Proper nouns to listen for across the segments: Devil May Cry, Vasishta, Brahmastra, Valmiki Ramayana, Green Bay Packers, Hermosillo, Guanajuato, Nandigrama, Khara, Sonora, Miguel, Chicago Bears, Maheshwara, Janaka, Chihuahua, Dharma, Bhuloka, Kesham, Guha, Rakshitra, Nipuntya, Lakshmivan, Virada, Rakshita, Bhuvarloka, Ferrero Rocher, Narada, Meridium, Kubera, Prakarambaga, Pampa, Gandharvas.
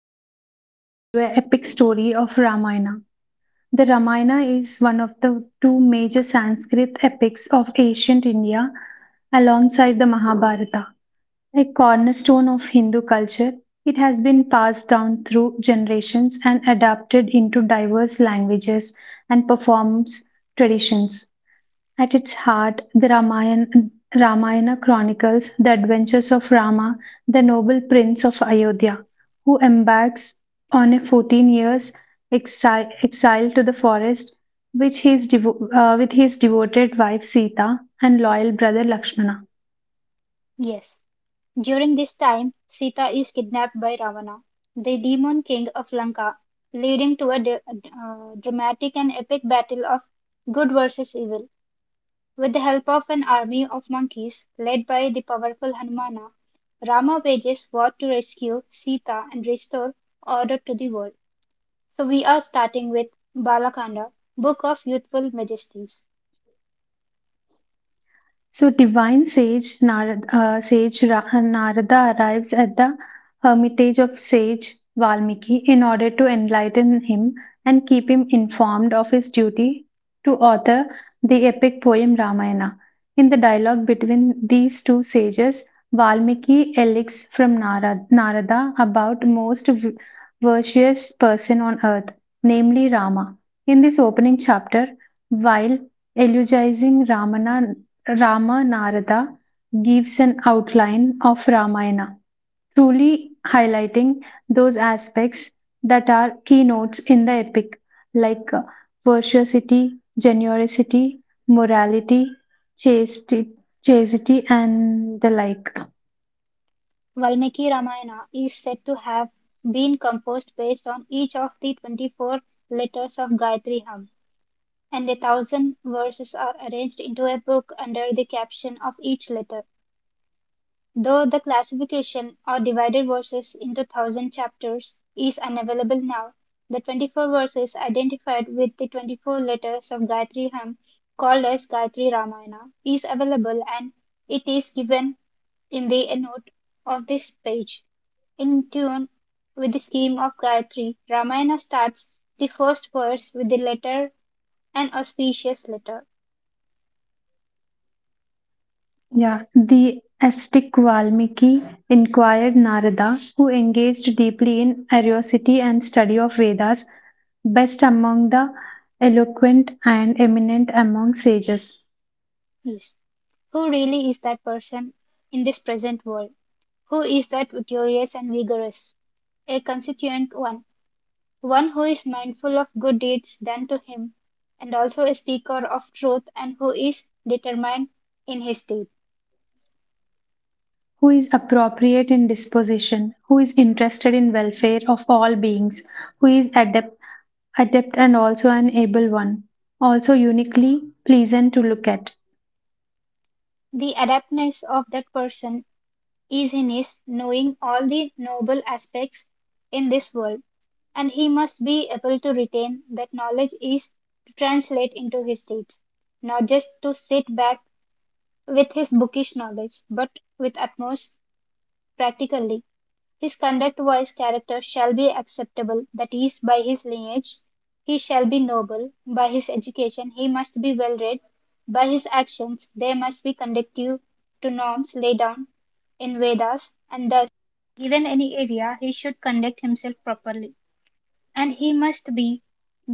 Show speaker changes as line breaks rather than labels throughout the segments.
We are here to tell you an epic story of Ramayana. The Ramayana is one of the two major Sanskrit epics of ancient India alongside the Mahabharata. A cornerstone of Hindu culture, it has been passed down through generations and adapted into diverse languages and performance traditions. At its heart, the Ramayana chronicles the adventures of Rama, the noble prince of Ayodhya, who embarks on a 14 years exile to the forest which he is with his devoted wife Sita and loyal brother Lakshmana.
Yes. During this time, Sita is kidnapped by Ravana, the demon king of Lanka, leading to a dramatic and epic battle of good versus evil. With the help of an army of monkeys led by the powerful Hanumana, Rama wages war to rescue Sita and restore order to the world. So we are starting with Balakanda, Book of Youthful Majesties.
So, divine sage Narad, sage Ra- Narada arrives at the hermitage of sage Valmiki in order to enlighten him and keep him informed of his duty to author the epic poem Ramayana. In the dialogue between these two sages, Valmiki elects from Narada about most virtuous person on earth, namely Rama. In this opening chapter, while eulogizing Ramana Rama Narada gives an outline of Ramayana, truly highlighting those aspects that are keynotes in the epic, like virtuosity, generosity, morality, chastity, chastity, and the like.
Valmiki Ramayana is said to have been composed based on each of the 24 letters of Gayatri hymn, and 1,000 verses are arranged into a book under the caption of each letter. Though the classification, or divided verses into 1,000 chapters, is unavailable now, the 24 verses identified with the 24 letters of Gayatri hymn, called as Gayatri Ramayana, is available and it is given in the note of this page. In tune with the scheme of Gayatri, Ramayana starts the first verse with the letter, an auspicious letter.
Yeah, the ascetic Valmiki inquired Narada, who engaged deeply in curiosity and study of Vedas, best among the eloquent and eminent among sages,
Is. Who really is that person in this present world? Who is that victorious and vigorous? A constituent one, one who is mindful of good deeds done to him, and also a speaker of truth, and who is determined in his deed.
who is appropriate in disposition, who is interested in welfare of all beings, who is adept and also an able one, also uniquely pleasant to look at,
The adeptness of that person is in his knowing all the noble aspects in this world, and he must be able to retain that knowledge is to translate into his deeds, not just to sit back with his bookish knowledge, but with utmost practically. His conduct wise character shall be acceptable, that is, by his lineage he shall be noble, by his education he must be well read, by his actions they must be conducive to norms laid down in Vedas, and thus, given any area, he should conduct himself properly. And he must be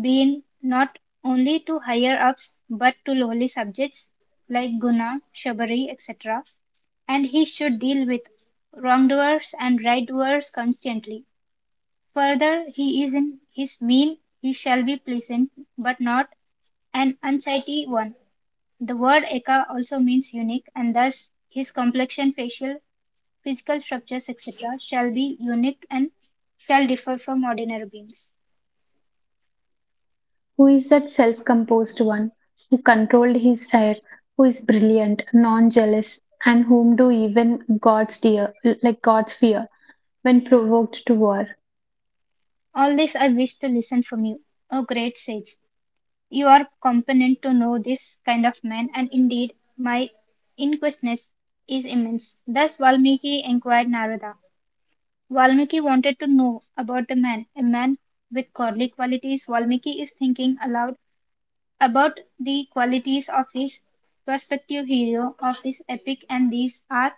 been not only to higher ups but to lowly subjects like Guna, Shabari, etc. And he should deal with wrongdoers and rightdoers constantly. Further, he is in his meal, he shall be pleasant, but not an unsightly one. The word Eka also means unique, and thus his complexion, facial, physical structures, etc., shall be unique and shall differ from ordinary beings.
who is that self-composed one, who controlled his air, who is brilliant, non-jealous, and whom do even gods dear, like gods fear, when provoked to war.
All this I wish to listen from you. O great sage, you are competent to know this kind of man, and indeed my inquisitiveness is immense. Thus Valmiki inquired Narada. Valmiki wanted to know about the man, a man with godly qualities. Valmiki is thinking aloud about the qualities of his prospective hero of his epic, and these are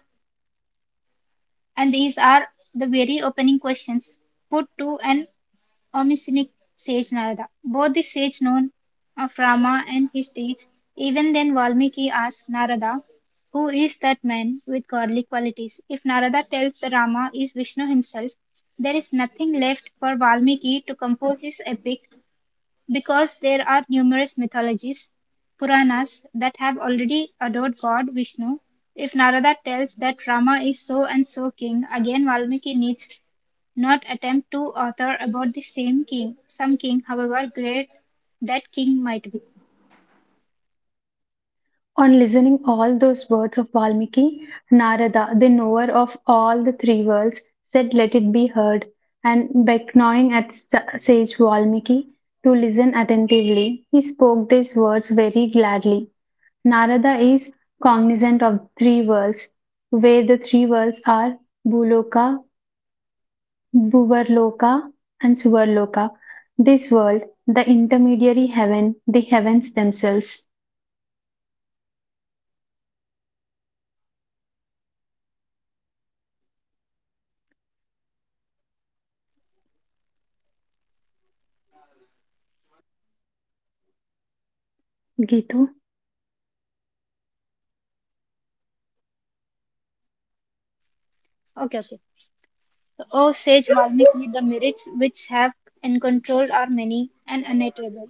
and these are the very opening questions put to an Omniscient sage Narada. Both the sage known of Rama and his deeds. Even then, Valmiki asks Narada, who is that man with godly qualities? If Narada tells the Rama is Vishnu himself, there is nothing left for Valmiki to compose his epic because there are numerous mythologies, Puranas, that have already adored God Vishnu. If Narada tells that Rama is so and so king, again Valmiki needs not attempt to author about the same king, some king, however great that king might be.
On listening all those words of Valmiki, Narada, the knower of all the three worlds, said, "Let it be heard," and beckoning at sage Valmiki to listen attentively, he spoke these words very gladly. Narada is cognizant of three worlds, where the three worlds are Bhuloka, Bhuvarloka, and Suvarloka. This world, the intermediary heaven, the heavens themselves. Gitu.
Okay, okay. So, O sage Valmiki, the merits which have encontrolled are many and unutterable.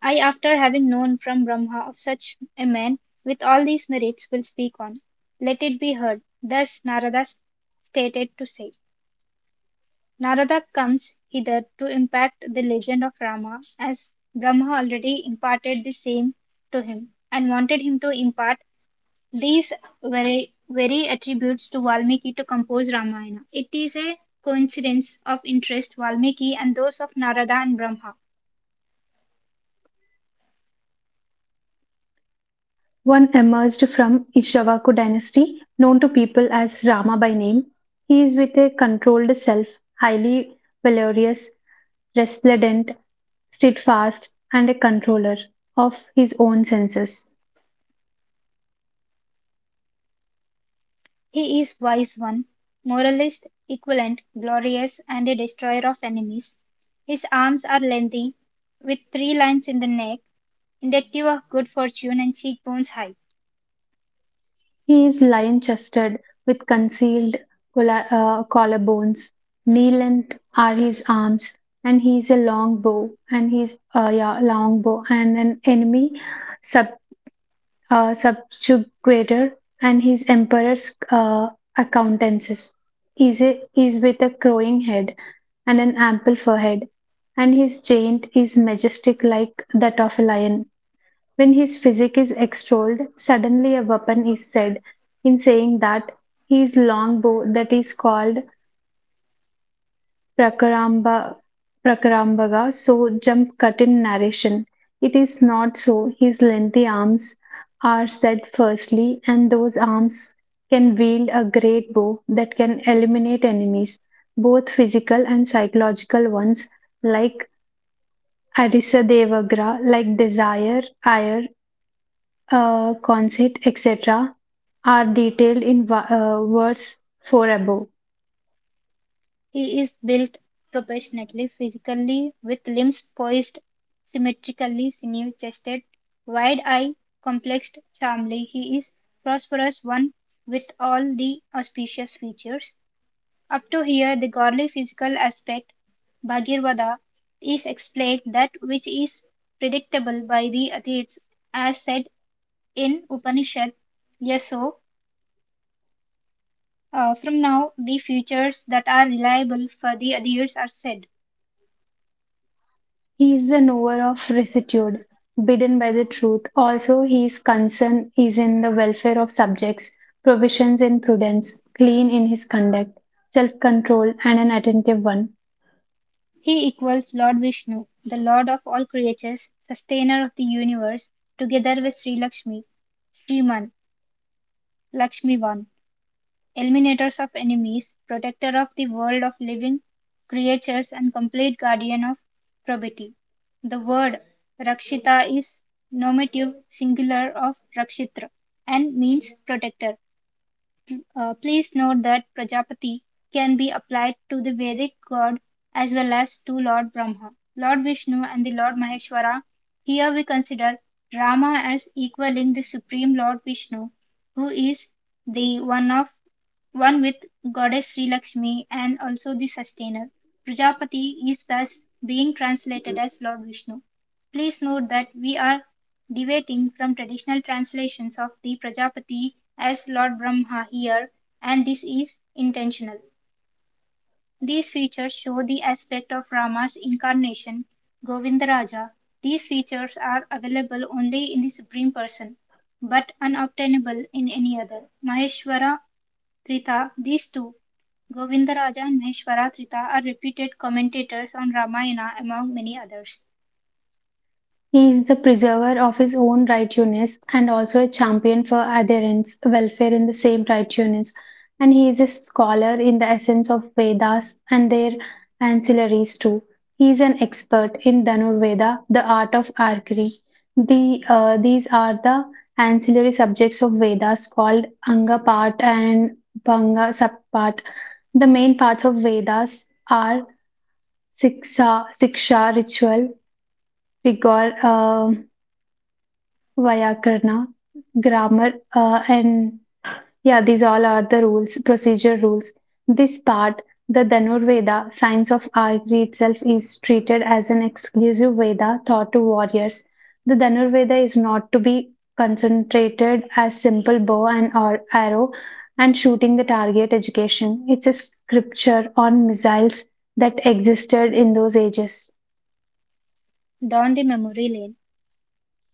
I, after having known from Brahma of such a man with all these merits, will speak on. Let it be heard. Thus Narada stated to say. Narada comes hither to impact the legend of Rama, as Brahma already imparted the same to him, and wanted him to impart these were very attributes to Valmiki to compose Ramayana. It is a coincidence of interest Valmiki and those of Narada and Brahma.
One emerged from Ishavaku dynasty, known to people as Rama by name. He is with a controlled self, highly valorous, resplendent, steadfast, and a controller of his own senses.
He is wise one, moralist, equivalent, glorious, and a destroyer of enemies. His arms are lengthy, with three lines in the neck, indicative of good fortune, and cheekbones high.
He is lion chested with concealed collarbones. Knee length are his arms, and he is a long bow, and he's long bow, and an enemy sub subjugator and his emperor's accountances. Is with a crowing head and an ample forehead, and his giant is majestic like that of a lion. When his physique is extolled, suddenly a weapon is said in saying that he is longbow that is called Prakaramba, Prakarambaga, so jump cut in narration. It is not so. His lengthy arms are said firstly, and those arms can wield a great bow that can eliminate enemies, both physical and psychological ones, like Arisa Devagra, like desire, ire, conceit, etc., are detailed in verse 4 above.
He is built proportionately physically, with limbs poised symmetrically, sinew-chested, wide-eyed, complexed, charmingly. He is prosperous one with all the auspicious features. Up to here, the godly physical aspect, Bhagirvada, is explained that which is predictable by the atheists, as said in Upanishad. Yes, so from now, the futures that are reliable for the others are said.
He is the knower of rectitude, bidden by the truth. Also, his concern is in the welfare of subjects, provisions in prudence, clean in his conduct, self control, and an attentive one.
He equals Lord Vishnu, the lord of all creatures, sustainer of the universe, together with Sri Lakshmi, Sriman, Lakshmivan, eliminators of enemies, protector of the world of living creatures, and complete guardian of probity. The word Rakshita is nominative singular of Rakshitra and means protector. Please note that Prajapati can be applied to the Vedic god as well as to Lord Brahma, Lord Vishnu, and the Lord Maheshwara. Here we consider Rama as equaling the Supreme Lord Vishnu, who is the one of one with goddess Sri Lakshmi and also the sustainer. Prajapati is thus being translated as Lord Vishnu. Please note that we are deviating from traditional translations of the Prajapati as Lord Brahma here, and this is intentional. These features show the aspect of Rama's incarnation, Govindaraja. These features are available only in the Supreme Person, but unobtainable in any other. Maheshwara Trita, these two, Govindaraja and Maheshwara Trita, are reputed commentators on Ramayana among many others.
He is the preserver of his own righteousness and also a champion for adherents' welfare in the same righteousness. And he is a scholar in the essence of Vedas and their ancillaries too. He is an expert in Dhanurveda, the art of archery. These are the ancillary subjects of Vedas called Anga part and Bhanga subpart. The main parts of Vedas are Siksha, Siksha ritual, rigor. Vyakarna, grammar, and yeah, these all are the rules, procedure rules. This part, the Dhanurveda, science of archery itself, is treated as an exclusive Veda taught to warriors. The Dhanurveda is not to be concentrated as simple bow and or arrow and shooting the target education. It's a scripture on missiles that existed in those ages.
Down the memory lane.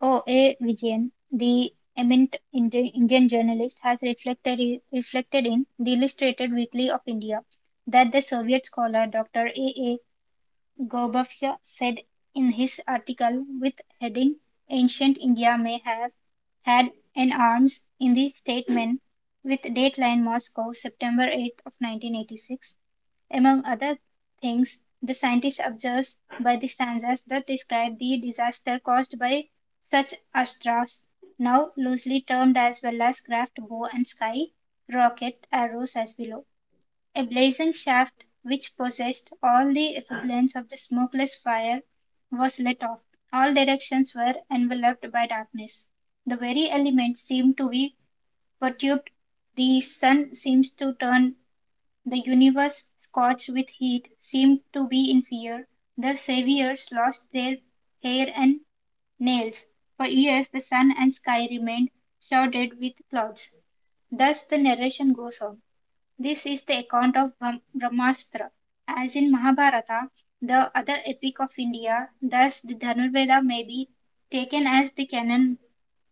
O. A. Vijayan, the eminent Indian journalist, has reflected in the Illustrated Weekly of India that the Soviet scholar Dr. A. A. Gorbachev said in his article with heading Ancient India may have had an arms in the statement with dateline Moscow, September 8 of 1986. Among other things, the scientist observes by the stanzas that describe the disaster caused by such astras, now loosely termed as well as craft, bow and sky, rocket, arrows as below. A blazing shaft, which possessed all the effulgence of the smokeless fire, was lit off. All directions were enveloped by darkness. The very elements seemed to be perturbed, the sun seems to turn, the universe, scorched with heat, seemed to be in fear. The Saviours lost their hair and nails. For years the sun and sky remained shrouded with clouds. Thus the narration goes on. This is the account of Brahmastra. As in Mahabharata, the other epic of India, thus the Dhanurveda may be taken as the canon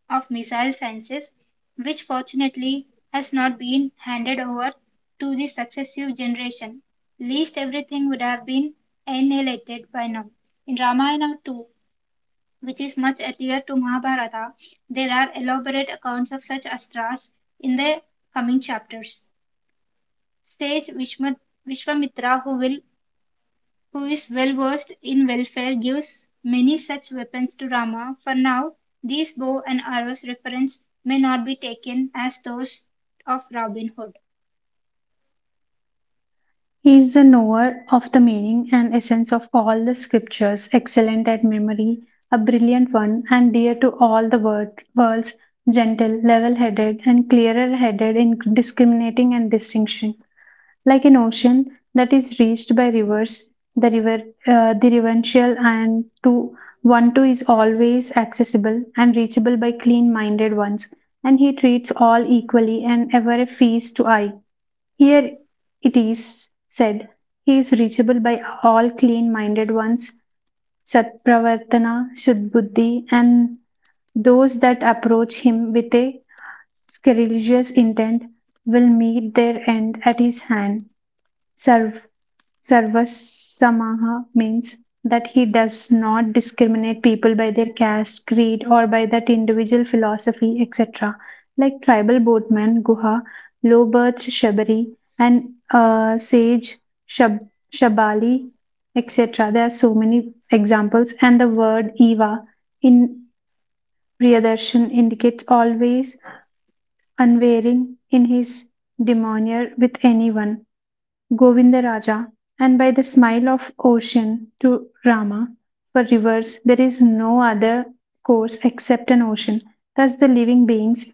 of missile sciences, which fortunately has not been handed over to the successive generation, least everything would have been annihilated by now. In Ramayana too, which is much earlier to Mahabharata, there are elaborate accounts of such astras in the coming chapters. Sage Vishwamitra, who is well versed in welfare, gives many such weapons to Rama. For now, these bow and arrows reference may not be taken as those of Robin Hood.
He is the knower of the meaning and essence of all the scriptures, excellent at memory, a brilliant one, and dear to all the world's gentle, level headed, and clearer headed in discriminating and distinction. Like an ocean that is reached by rivers, the river, the reverential and to one too is always accessible and reachable by clean minded ones, and he treats all equally and ever a feast to eye. Here it is said, he is reachable by all clean minded ones, Satpravartana, Shuddhuddhi, and those that approach Him with a scrupulous intent will meet their end at His hand. Sarv Sarvasamaha means that he does not discriminate people by their caste, creed, or by that individual philosophy, etc. Like tribal boatman Guha, low birth Shabari, and sage Shab- Shabali, etc. There are so many examples, and the word Eva in Priyadarshan indicates always unwavering in his demeanor with anyone. Govindaraja, and by the smile of ocean to Rama. For rivers, there is no other course except an ocean. Thus, the living beings,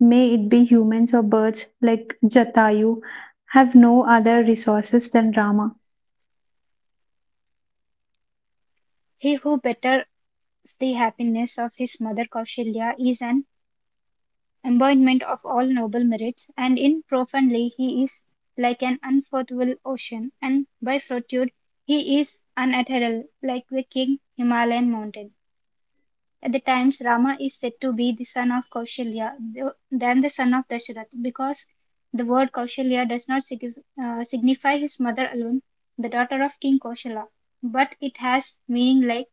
may it be humans or birds like Jatayu, have no other resources than Rama.
He who betters the happiness of his mother Kausalya is an embodiment of all noble merits, and in profoundly he is like an unfathomable ocean, and by fortitude he is unadherable, like the king Himalayan mountain. At the times, Rama is said to be the son of Kausalya than the son of Dasharath because the word Kausalya does not signify his mother alone, the daughter of King Kausala, but it has meaning like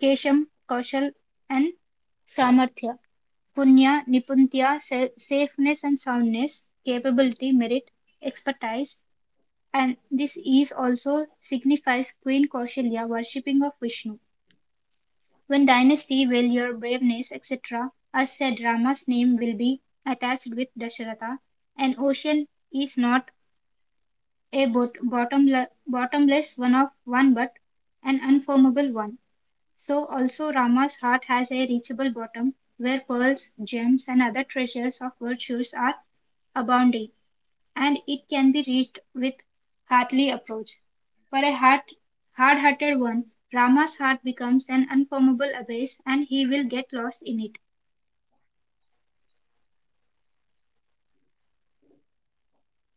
Kesham, Kausal, and Samarthya, Punya, Nipuntya, safeness and soundness, capability, merit, expertise, and this is also signifies Queen Kausalya worshipping of Vishnu. When dynasty will your braveness, etc., are said Rama's name will be attached with Dasharatha. An ocean is not a bottomless one of one but an unformable one. So also Rama's heart has a reachable bottom where pearls, gems and other treasures of virtues are abounding and it can be reached with heartly approach. For a heart, hard-hearted one, Rama's heart becomes an unformable abyss and he will get lost in it.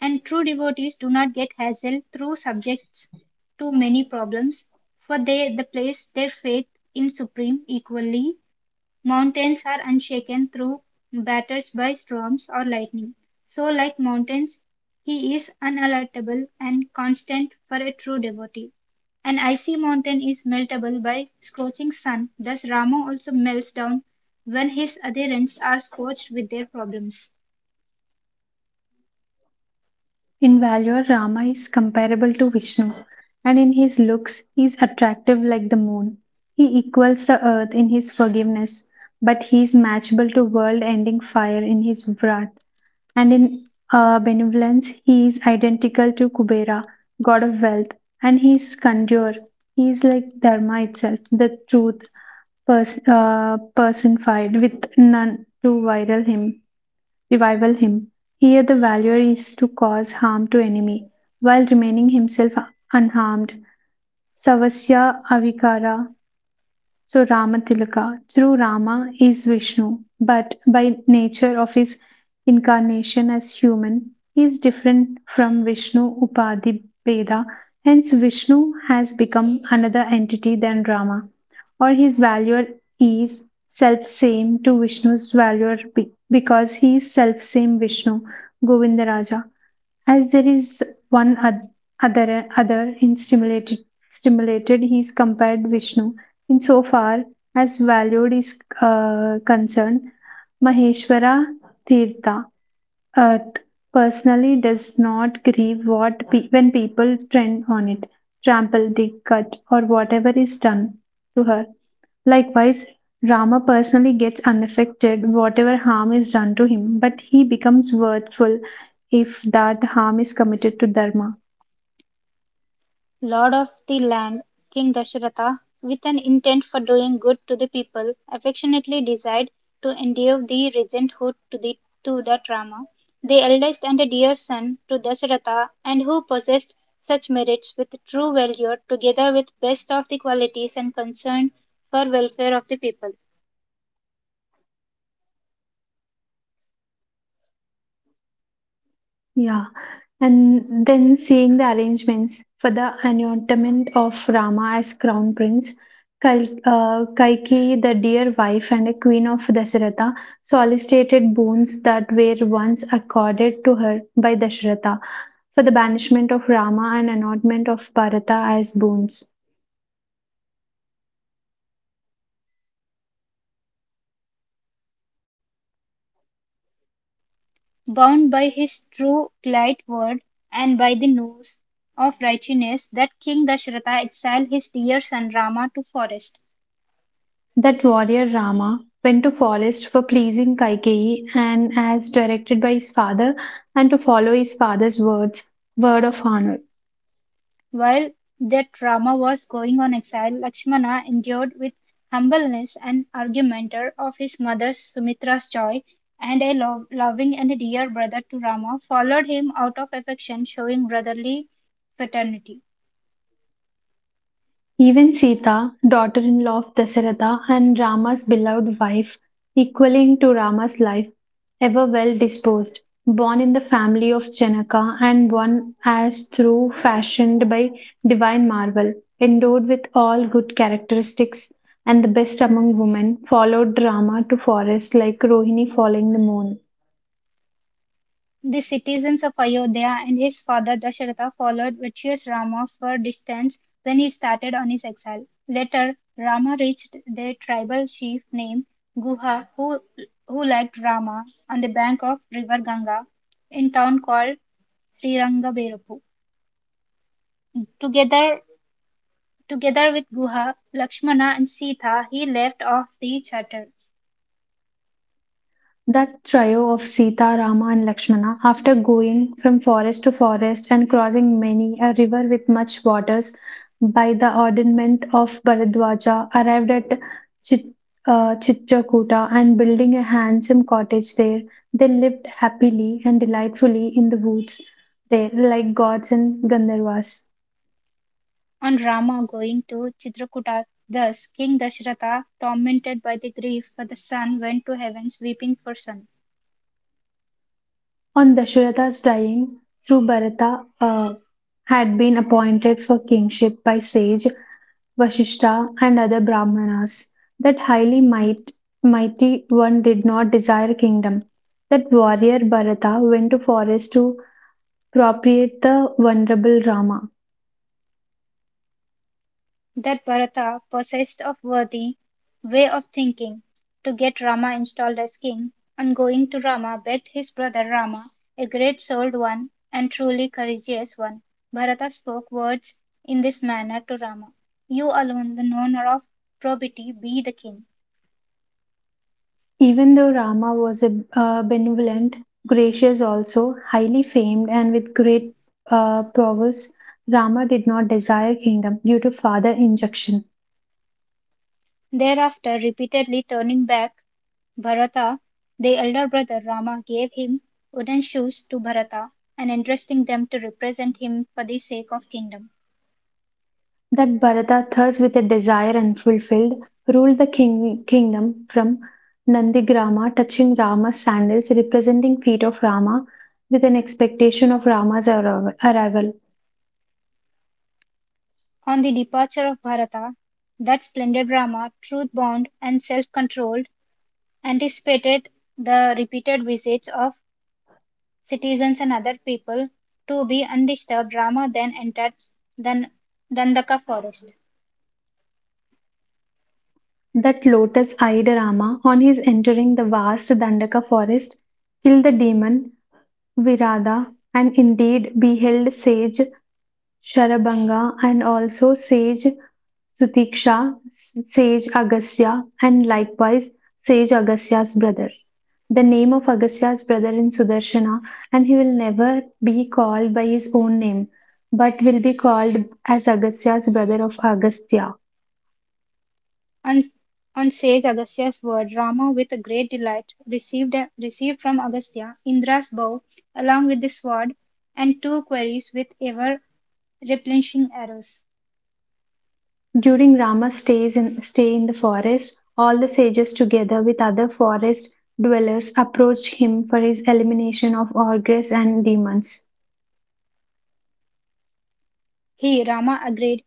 And true devotees do not get hassled through subjects to many problems, for they the place their faith in Supreme equally Mountains are unshaken through batters by storms or lightning. So like mountains, he is unalterable and constant for a true devotee. An icy mountain is meltable by scorching sun, thus Rama also melts down when his adherents are scorched with their problems.
In valor, Rama is comparable to Vishnu, and in his looks, he is attractive like the moon. He equals the earth in his forgiveness, but he is matchable to world ending fire in his wrath. And in benevolence he is identical to Kubera, god of wealth, and he is Kandyor. He is like Dharma itself, the truth personified, with none to revival him. Here the valor is to cause harm to enemy, while remaining himself unharmed. Savasya avikara so Ramatilaka, true Rama is Vishnu, but by nature of his incarnation as human, he is different from Vishnu Upadhi Beda. Hence, Vishnu has become another entity than Rama, or his value is self same to Vishnu's value because he is self same Vishnu, Govindaraja as there is one other other in stimulated he is compared vishnu in so far as valued is concerned maheshwara tirtha uh, personally does not grieve what when people trend on it trample dig cut or whatever is done to her. Likewise, Rama personally gets unaffected whatever harm is done to him, but he becomes worthful if that harm is committed to Dharma.
Lord of the land, King Dasharatha, with an intent for doing good to the people, affectionately desired to endear the regenthood to the Rama, the eldest and a dear son to Dasharatha, and who possessed such merits with true valor, together with best of the qualities and concern for welfare of the people.
Yeah. And then seeing the arrangements for the anointment of Rama as crown prince, Kaikeyi, the dear wife and a queen of Dasharatha, solicited boons that were once accorded to her by Dasharatha for the banishment of Rama and anointment of Bharata as boons.
Bound by his true polite word and by the nose of righteousness, that King Dasharatha exiled his dear son Rama to forest.
That warrior Rama went to forest for pleasing Kaikeyi and as directed by his father and to follow his father's words, word of honor.
While that drama was going on exile, Lakshmana endured with humbleness and argumenter of his mother Sumitra's joy and a loving and dear brother to Rama followed him out of affection showing brotherly fraternity.
Even Sita, daughter in law of Dasaratha and Rama's beloved wife, equaling to Rama's life, ever well disposed, born in the family of Janaka and one as through fashioned by divine marvel, endowed with all good characteristics and the best among women, followed Rama to forest like Rohini following the moon.
The citizens of Ayodhya and his father Dasharatha followed virtuous Rama for distance when he started on his exile. Later, Rama reached the tribal chief named Guha who liked Rama on the bank of river Ganga in town called Srirangaberapu. Together, together with Guha, Lakshmana and Sita, he left off the charter.
That trio of Sita, Rama, and Lakshmana, after going from forest to forest and crossing many a river with much waters, by the ordainment of Bharadwaja, arrived at Chit- Chitrakuta and building a handsome cottage there, they lived happily and delightfully in the woods there, like gods and Gandharvas.
On Rama going to Chitrakuta, thus King Dasharatha, tormented by the grief for the son, went to heavens weeping for son.
On Dasharatha's dying, through Bharata had been appointed for kingship by sage Vasishta, and other Brahmanas. That mighty one did not desire kingdom. That warrior Bharata went to forest to propitiate the venerable Rama.
That Bharata, possessed of worthy way of thinking, to get Rama installed as king, on going to Rama begged his brother Rama, a great souled one and truly courageous one. Bharata spoke words in this manner to Rama: You alone, the knower of probity, be the king.
Even though Rama was a benevolent, gracious also, highly famed and with great prowess, Rama did not desire kingdom due to father injunction.
Thereafter, repeatedly turning back Bharata, the elder brother Rama gave him wooden shoes to Bharata and entrusting them to represent him for the sake of kingdom.
That Bharata, thirst with a desire unfulfilled, ruled the kingdom from Nandigrama, touching Rama's sandals, representing feet of Rama, with an expectation of Rama's arrival.
On the departure of Bharata, that splendid Rama, truth bound and self controlled, anticipated the repeated visits of citizens and other people to be undisturbed Rama then entered Dhan- Dandaka forest.
That lotus eyed Rama, on his entering the vast Dandaka forest, killed the demon Virada and indeed beheld sage Sharabanga and also sage Sutiksha, Sage Agastya, and likewise Sage Agastya's brother. The name of Agastya's brother in Sudarshana, and he will never be called by his own name, but will be called as Agastya's brother of Agastya.
On, on sage Agastya's word, Rama, with great delight, received from Agastya Indra's bow along with the sword and two queries with ever replenishing arrows.
During Rama's stay in the forest, all the sages together with other forest dwellers approached him for his elimination of ogres and demons.
He, Rama, agreed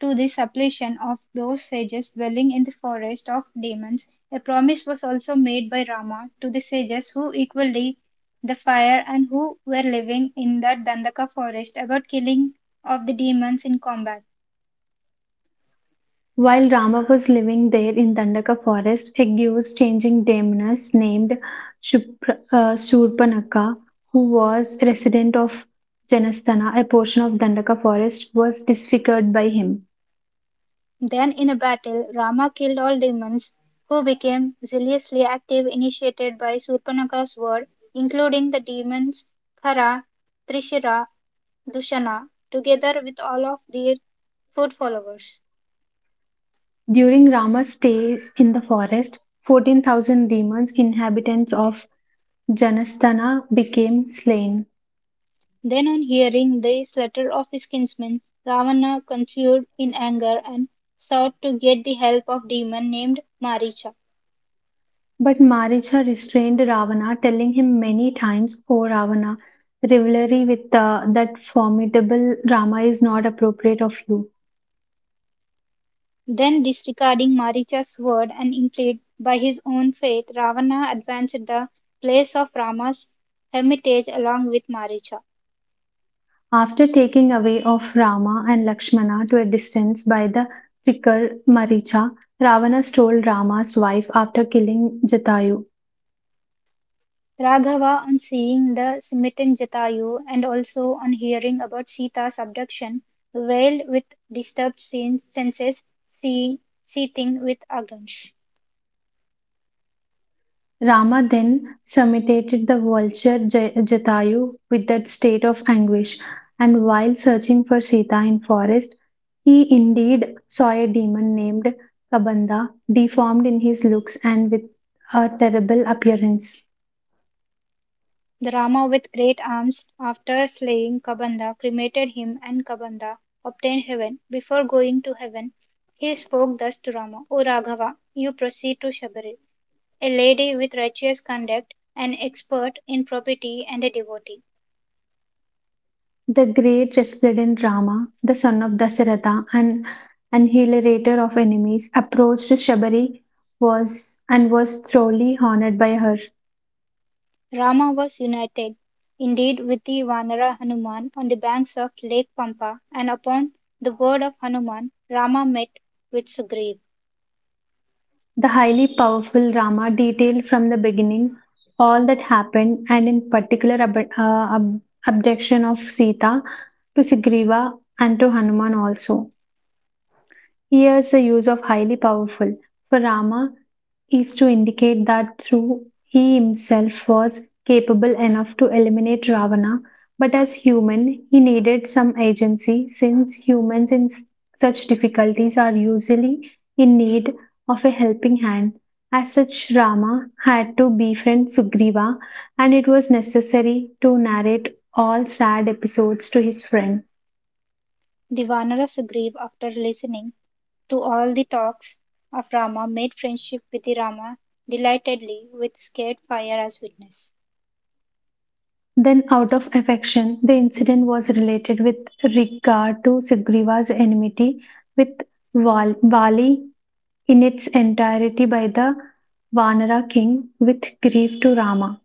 to the supplication of those sages dwelling in the forest of demons. A promise was also made by Rama to the sages who equally the fire and who were living in that Dandaka forest about killing of the demons in combat.
While Rama was living there in Dandaka forest, Hegyu's changing daemons named Shurpanakha, who was resident of Janasthana, a portion of Dandaka forest, was disfigured by him.
Then in a battle, Rama killed all demons, who became zealously active initiated by Surpanaka's word, including the demons Khara, Trishira, Dushana, together with all of their foot followers.
During Rama's stays in the forest, 14,000 demons, inhabitants of Janasthana, became slain.
Then on hearing this letter of his kinsman, Ravana conceived in anger and sought to get the help of a demon named Maricha.
But Maricha restrained Ravana, telling him many times, "Oh Ravana, rivalry with that formidable Rama is not appropriate of you."
Then disregarding Maricha's word and inclined by his own faith, Ravana advanced the place of Rama's hermitage along with Maricha.
After taking away of Rama and Lakshmana to a distance by the fickle Maricha, Ravana stole Rama's wife after killing Jatayu.
Raghava, on seeing the smitten Jatayu and also on hearing about Sita's abduction, wailed with disturbed senses, see- seething with anguish.
Rama then summited the vulture Jatayu with that state of anguish, and while searching for Sita in forest, he indeed saw a demon named Kabanda, deformed in his looks and with a terrible appearance.
The Rama with great arms after slaying Kabanda cremated him and Kabanda obtained heaven. Before going to heaven he spoke thus to Rama: O Raghava, you proceed to Shabari, a lady with righteous conduct, an expert in property and a devotee.
The great resplendent Rama, the son of Dasaratha and annihilator of enemies, approached Shabari was and was thoroughly honored by her.
Rama was united indeed with the Vanara Hanuman on the banks of Lake Pampa and upon the word of Hanuman Rama met with Sugriv.
The highly powerful Rama detailed from the beginning all that happened and, in particular, abduction of Sita to Sugriva and to Hanuman also. Here's the use of highly powerful. For Rama is to indicate that through he himself was capable enough to eliminate Ravana, but as human, he needed some agency since humans in such difficulties are usually in need of a helping hand. As such, Rama had to befriend Sugriva, and it was necessary to narrate all sad episodes to his friend.
The Wanara Sugriv after listening to all the talks of Rama made friendship with the Rama delightedly with scared fire as witness.
Then, out of affection, the incident was related with regard to Sugriva's enmity with Vali in its entirety by the Vanara king with grief to Rama.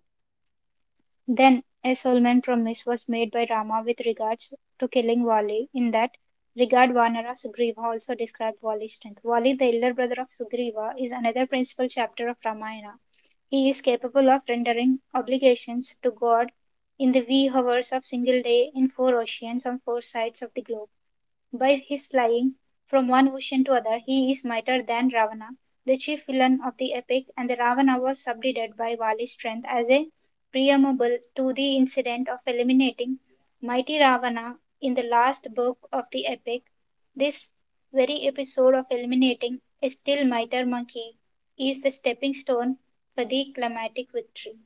Then a solemn promise was made by Rama with regards to killing Vali in that regard Vanara Sugriva also described Vali's strength. Vali the elder brother of Sugriva is another principal chapter of Ramayana. He is capable of rendering obligations to God in the wee hours of single day in four oceans on four sides of the globe. By his flying from one ocean to other, he is mightier than Ravana, the chief villain of the epic, and the Ravana was subdued by Vali's strength as a preamble to the incident of eliminating mighty Ravana in the last book of the epic. This very episode of eliminating a still mightier monkey is the stepping stone for the climatic victory.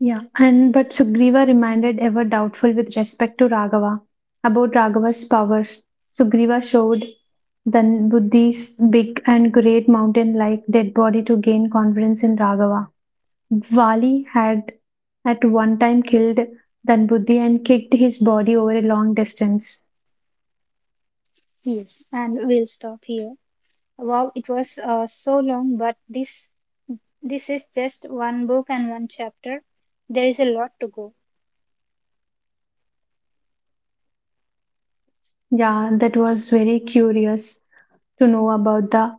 Yeah, and but Sugriva remained ever doubtful with respect to Raghava about Raghava's powers. Sugriva showed then Buddhi's big and great mountain like dead body to gain confidence in Raghava. Vali had at one time killed Danbuddhi and kicked his body over a long distance.
Yes, and we'll stop here. Wow, it was so long, but this is just one book and one chapter. There is a lot to go.
Yeah, that was very curious to know about the.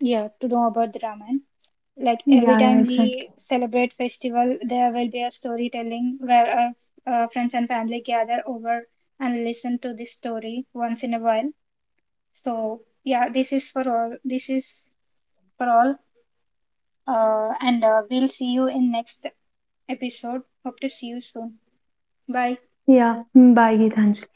Yeah, to know about the Ramayana. Like every
Yeah, yeah,
time
exactly.
we celebrate festival, there will be a storytelling where our friends and family gather over and listen to this story once in a while. So yeah, this is for all. This is for all. And we'll see you in next episode. Hope to see you soon. Bye.
Yeah, mm, bye, Gitanjali.